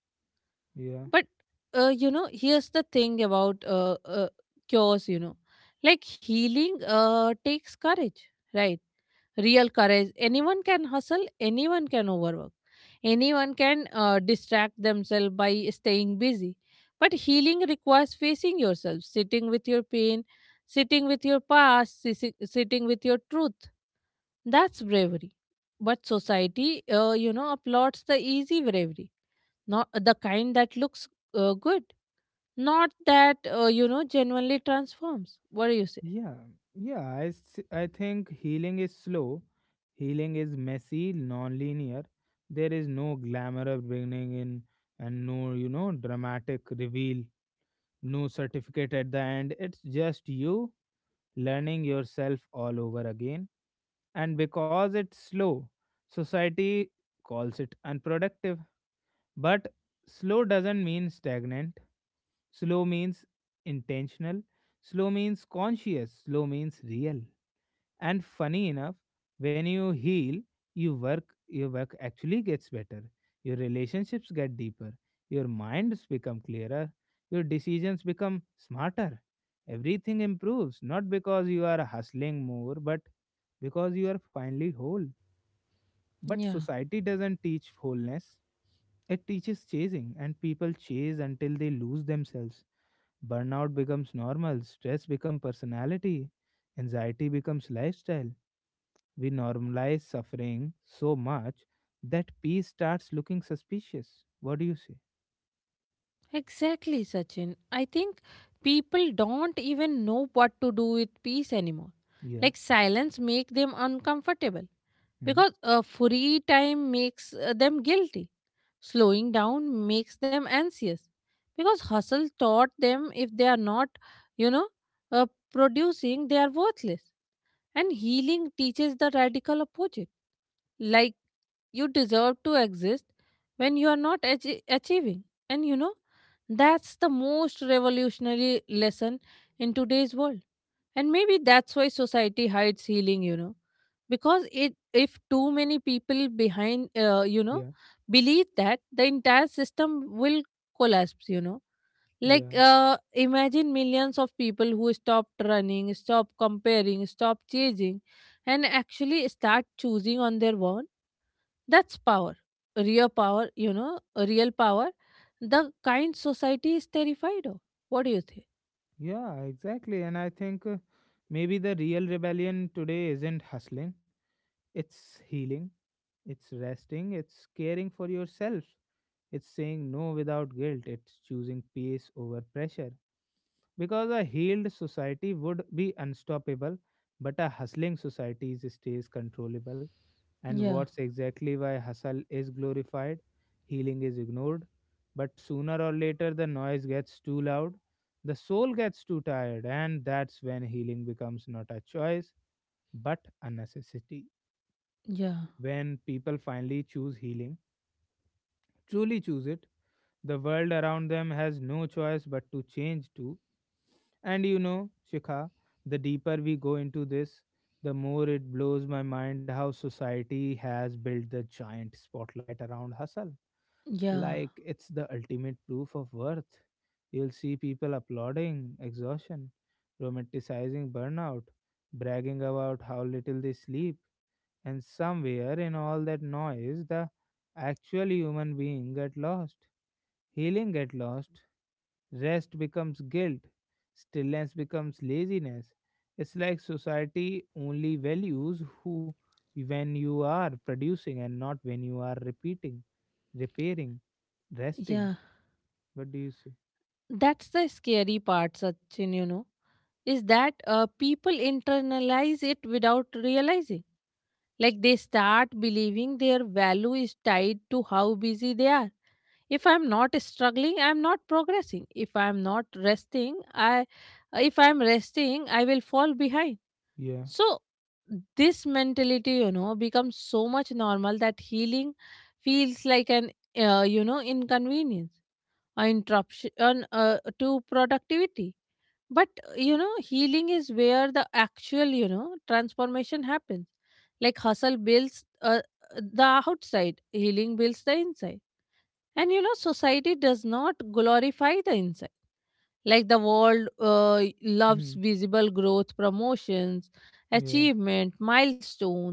yeah,
But uh, you know, here's the thing about uh, uh, cures. You know, like healing uh, takes courage, right? Real courage. Anyone can hustle. Anyone can overwork. Anyone can uh, distract themselves by staying busy. But healing requires facing yourself, sitting with your pain, sitting with your past, sisi- sitting with your truth. That's bravery. But society, uh, you know, applauds the easy bravery, not the kind that looks uh, good, not that uh, you know genuinely transforms. What do you say?
yeah, yeah. I, s- I think healing is slow, healing is messy, non-linear. There is no glamour of beginning in and no, you know, dramatic reveal, no certificate at the end. It's just you learning yourself all over again. And because it's slow, society calls it unproductive. But slow doesn't mean stagnant, slow means intentional, slow means conscious, slow means real. And funny enough, when you heal, you work your work actually gets better. Your relationships get deeper. Your minds become clearer. Your decisions become smarter. Everything improves, not because you are hustling more, but because you are finally whole. But
Yeah,
society doesn't teach wholeness, it teaches chasing, and people chase until they lose themselves. Burnout becomes normal, stress becomes personality, anxiety becomes lifestyle. We normalize suffering so much that peace starts looking suspicious. What do you say?
exactly, Sachin. I think people don't even know what to do with peace anymore.
Yeah.
Like silence make them uncomfortable
Hmm.
because uh, free time makes uh, them guilty. Slowing down makes them anxious because hustle taught them if they are not, you know, uh, producing, they are worthless. And healing teaches the radical opposite, like you deserve to exist when you are not achie- achieving, and you know that's the most revolutionary lesson in today's world. And maybe that's why society hides healing, you know because it, if too many people behind, uh, you know
Yeah.
believe that the entire system will collapse, you know like
Yeah.
uh, imagine millions of people who stopped running, stop comparing, stop chasing, and actually start choosing on their own. That's power, real power, you know, real power, the kind society is terrified of. What do you think?
Yeah, exactly. And I think uh, maybe the real rebellion today isn't hustling, it's healing, it's resting, it's caring for yourself. It's saying no without guilt. It's choosing peace over pressure. Because a healed society would be unstoppable, but a hustling society is- stays controllable. And
Yeah,
what's exactly why hustle is glorified, healing is ignored. But sooner or later, the noise gets too loud, the soul gets too tired, and that's when healing becomes not a choice, but a necessity.
yeah,
When people finally choose healing, truly choose it, the world around them has no choice but to change too. And you know, Shikha, the deeper we go into this, the more it blows my mind how society has built the giant spotlight around hustle.
yeah,
Like it's the ultimate proof of worth. You'll see people applauding exhaustion, romanticizing burnout, bragging about how little they sleep. And somewhere in all that noise, the actual human being get lost, healing get lost. Rest becomes guilt. Stillness becomes laziness. It's like society only values who when you are producing and not when you are repeating, repairing, resting.
yeah.
What do you say?
That's the scary part, Sachin, you know, is that uh, people internalize it without realizing. Like they start believing their value is tied to how busy they are. If I'm not struggling, I'm not progressing. If I'm not resting, I if I'm resting, I will fall behind.
Yeah.
So, this mentality, you know, becomes so much normal that healing feels like an, uh, you know, inconvenience or interruption uh, to productivity. But, you know, healing is where the actual, you know, transformation happens. Like hustle builds uh, the outside, healing builds the inside. And, you know, society does not glorify the inside. Like the world uh, loves
Hmm.
visible growth, promotions,
Yeah.
achievement, milestone,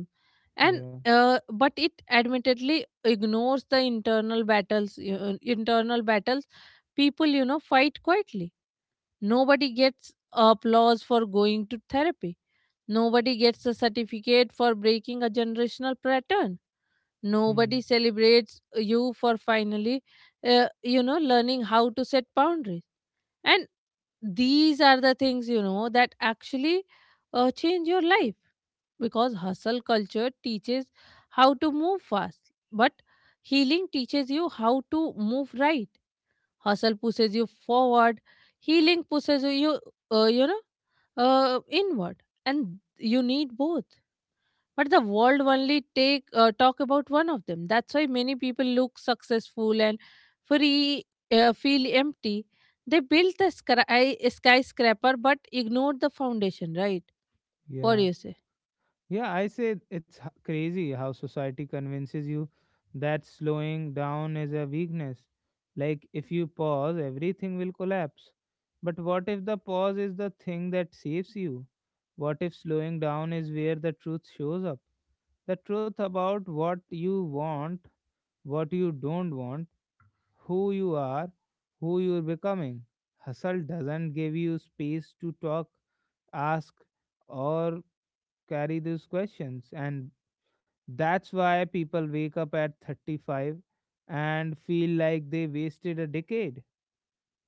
and
Yeah.
uh, but it admittedly ignores the internal battles uh, internal battles people you know fight quietly. Nobody gets applause for going to therapy, nobody gets a certificate for breaking a generational pattern,
Hmm.
nobody celebrates you for finally uh, you know learning how to set boundaries. And these are the things, you know that actually uh, change your life. Because hustle culture teaches how to move fast, but healing teaches you how to move right. Hustle pushes you forward, healing pushes you uh, you know uh, inward. And you need both, but the world only take uh, talk about one of them. That's why many people look successful and free uh, feel empty. They built the sky, skyscraper but ignored the foundation, right? What do
Yeah.
you say?
Yeah, I say it's h- crazy how society convinces you that slowing down is a weakness. Like, if you pause, everything will collapse. But what if the pause is the thing that saves you? What if slowing down is where the truth shows up? The truth about what you want, what you don't want, who you are, who you're becoming. Hustle doesn't give you space to talk, ask, or carry these questions. And that's why people wake up at thirty-five and feel like they wasted a decade.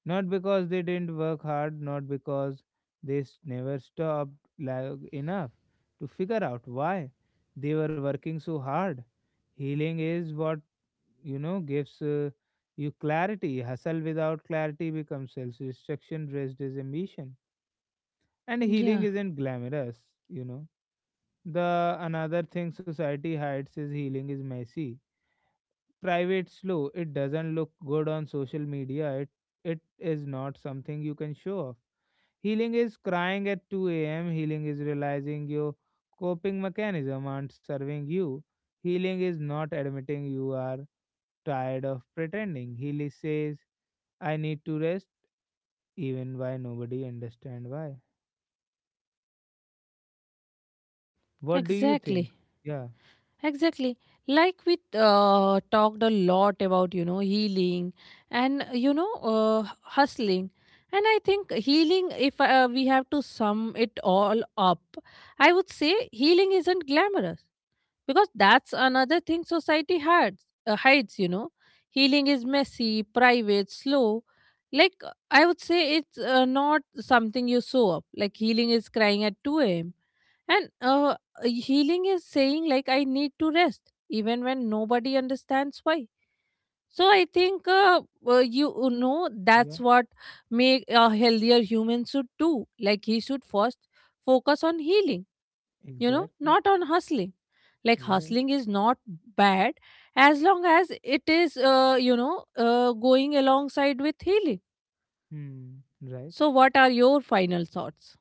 Not because they didn't work hard, not because they s- never stopped like enough to figure out why they were working so hard. Healing is what, you know, gives uh, you clarity. Hustle without clarity becomes self destruction dressed as ambition. And healing
Yeah,
isn't glamorous, you know. The another thing society hides is healing is messy, private, slow. It doesn't look good on social media. it it is not something you can show off. Healing is crying at two a m. Healing is realizing your coping mechanism aren't serving you. Healing is not admitting you are tired of pretending. Healy says, I need to rest even why nobody understand why. What do you think?
exactly.
Yeah.
Exactly, like we uh, talked a lot about, you know healing and you know uh, hustling. And I think healing, if uh, we have to sum it all up, I would say healing isn't glamorous, because that's another thing society hides uh, hides you know healing is messy, private, slow. Like uh, I would say it's uh, not something you show up, like healing is crying at two a.m. And uh, healing is saying, like, I need to rest even when nobody understands why. So I think uh, uh, you uh, know, that's what make a healthier human should do. Like he should first focus on healing,
Yeah,
you know
exactly.
not on hustling. Like
Right.
hustling is not bad as long as it is, uh, you know uh, going alongside with healing.
Hmm. Right.
So what are your final thoughts?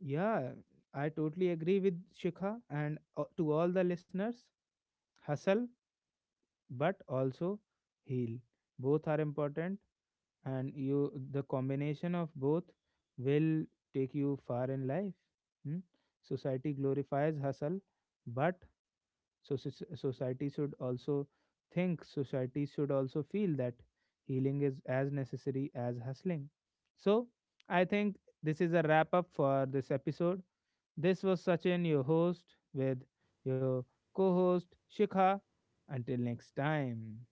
Yeah, I totally agree with Shikha and uh, to all the listeners, hustle but also heal. Both are important and you the combination of both will take you far in life. Hmm? Society glorifies hustle, but so society should also think society should also feel that healing is as necessary as hustling. So, I think this is a wrap up for this episode. This was Sachin, your host, with your co host Shikha. Until next time.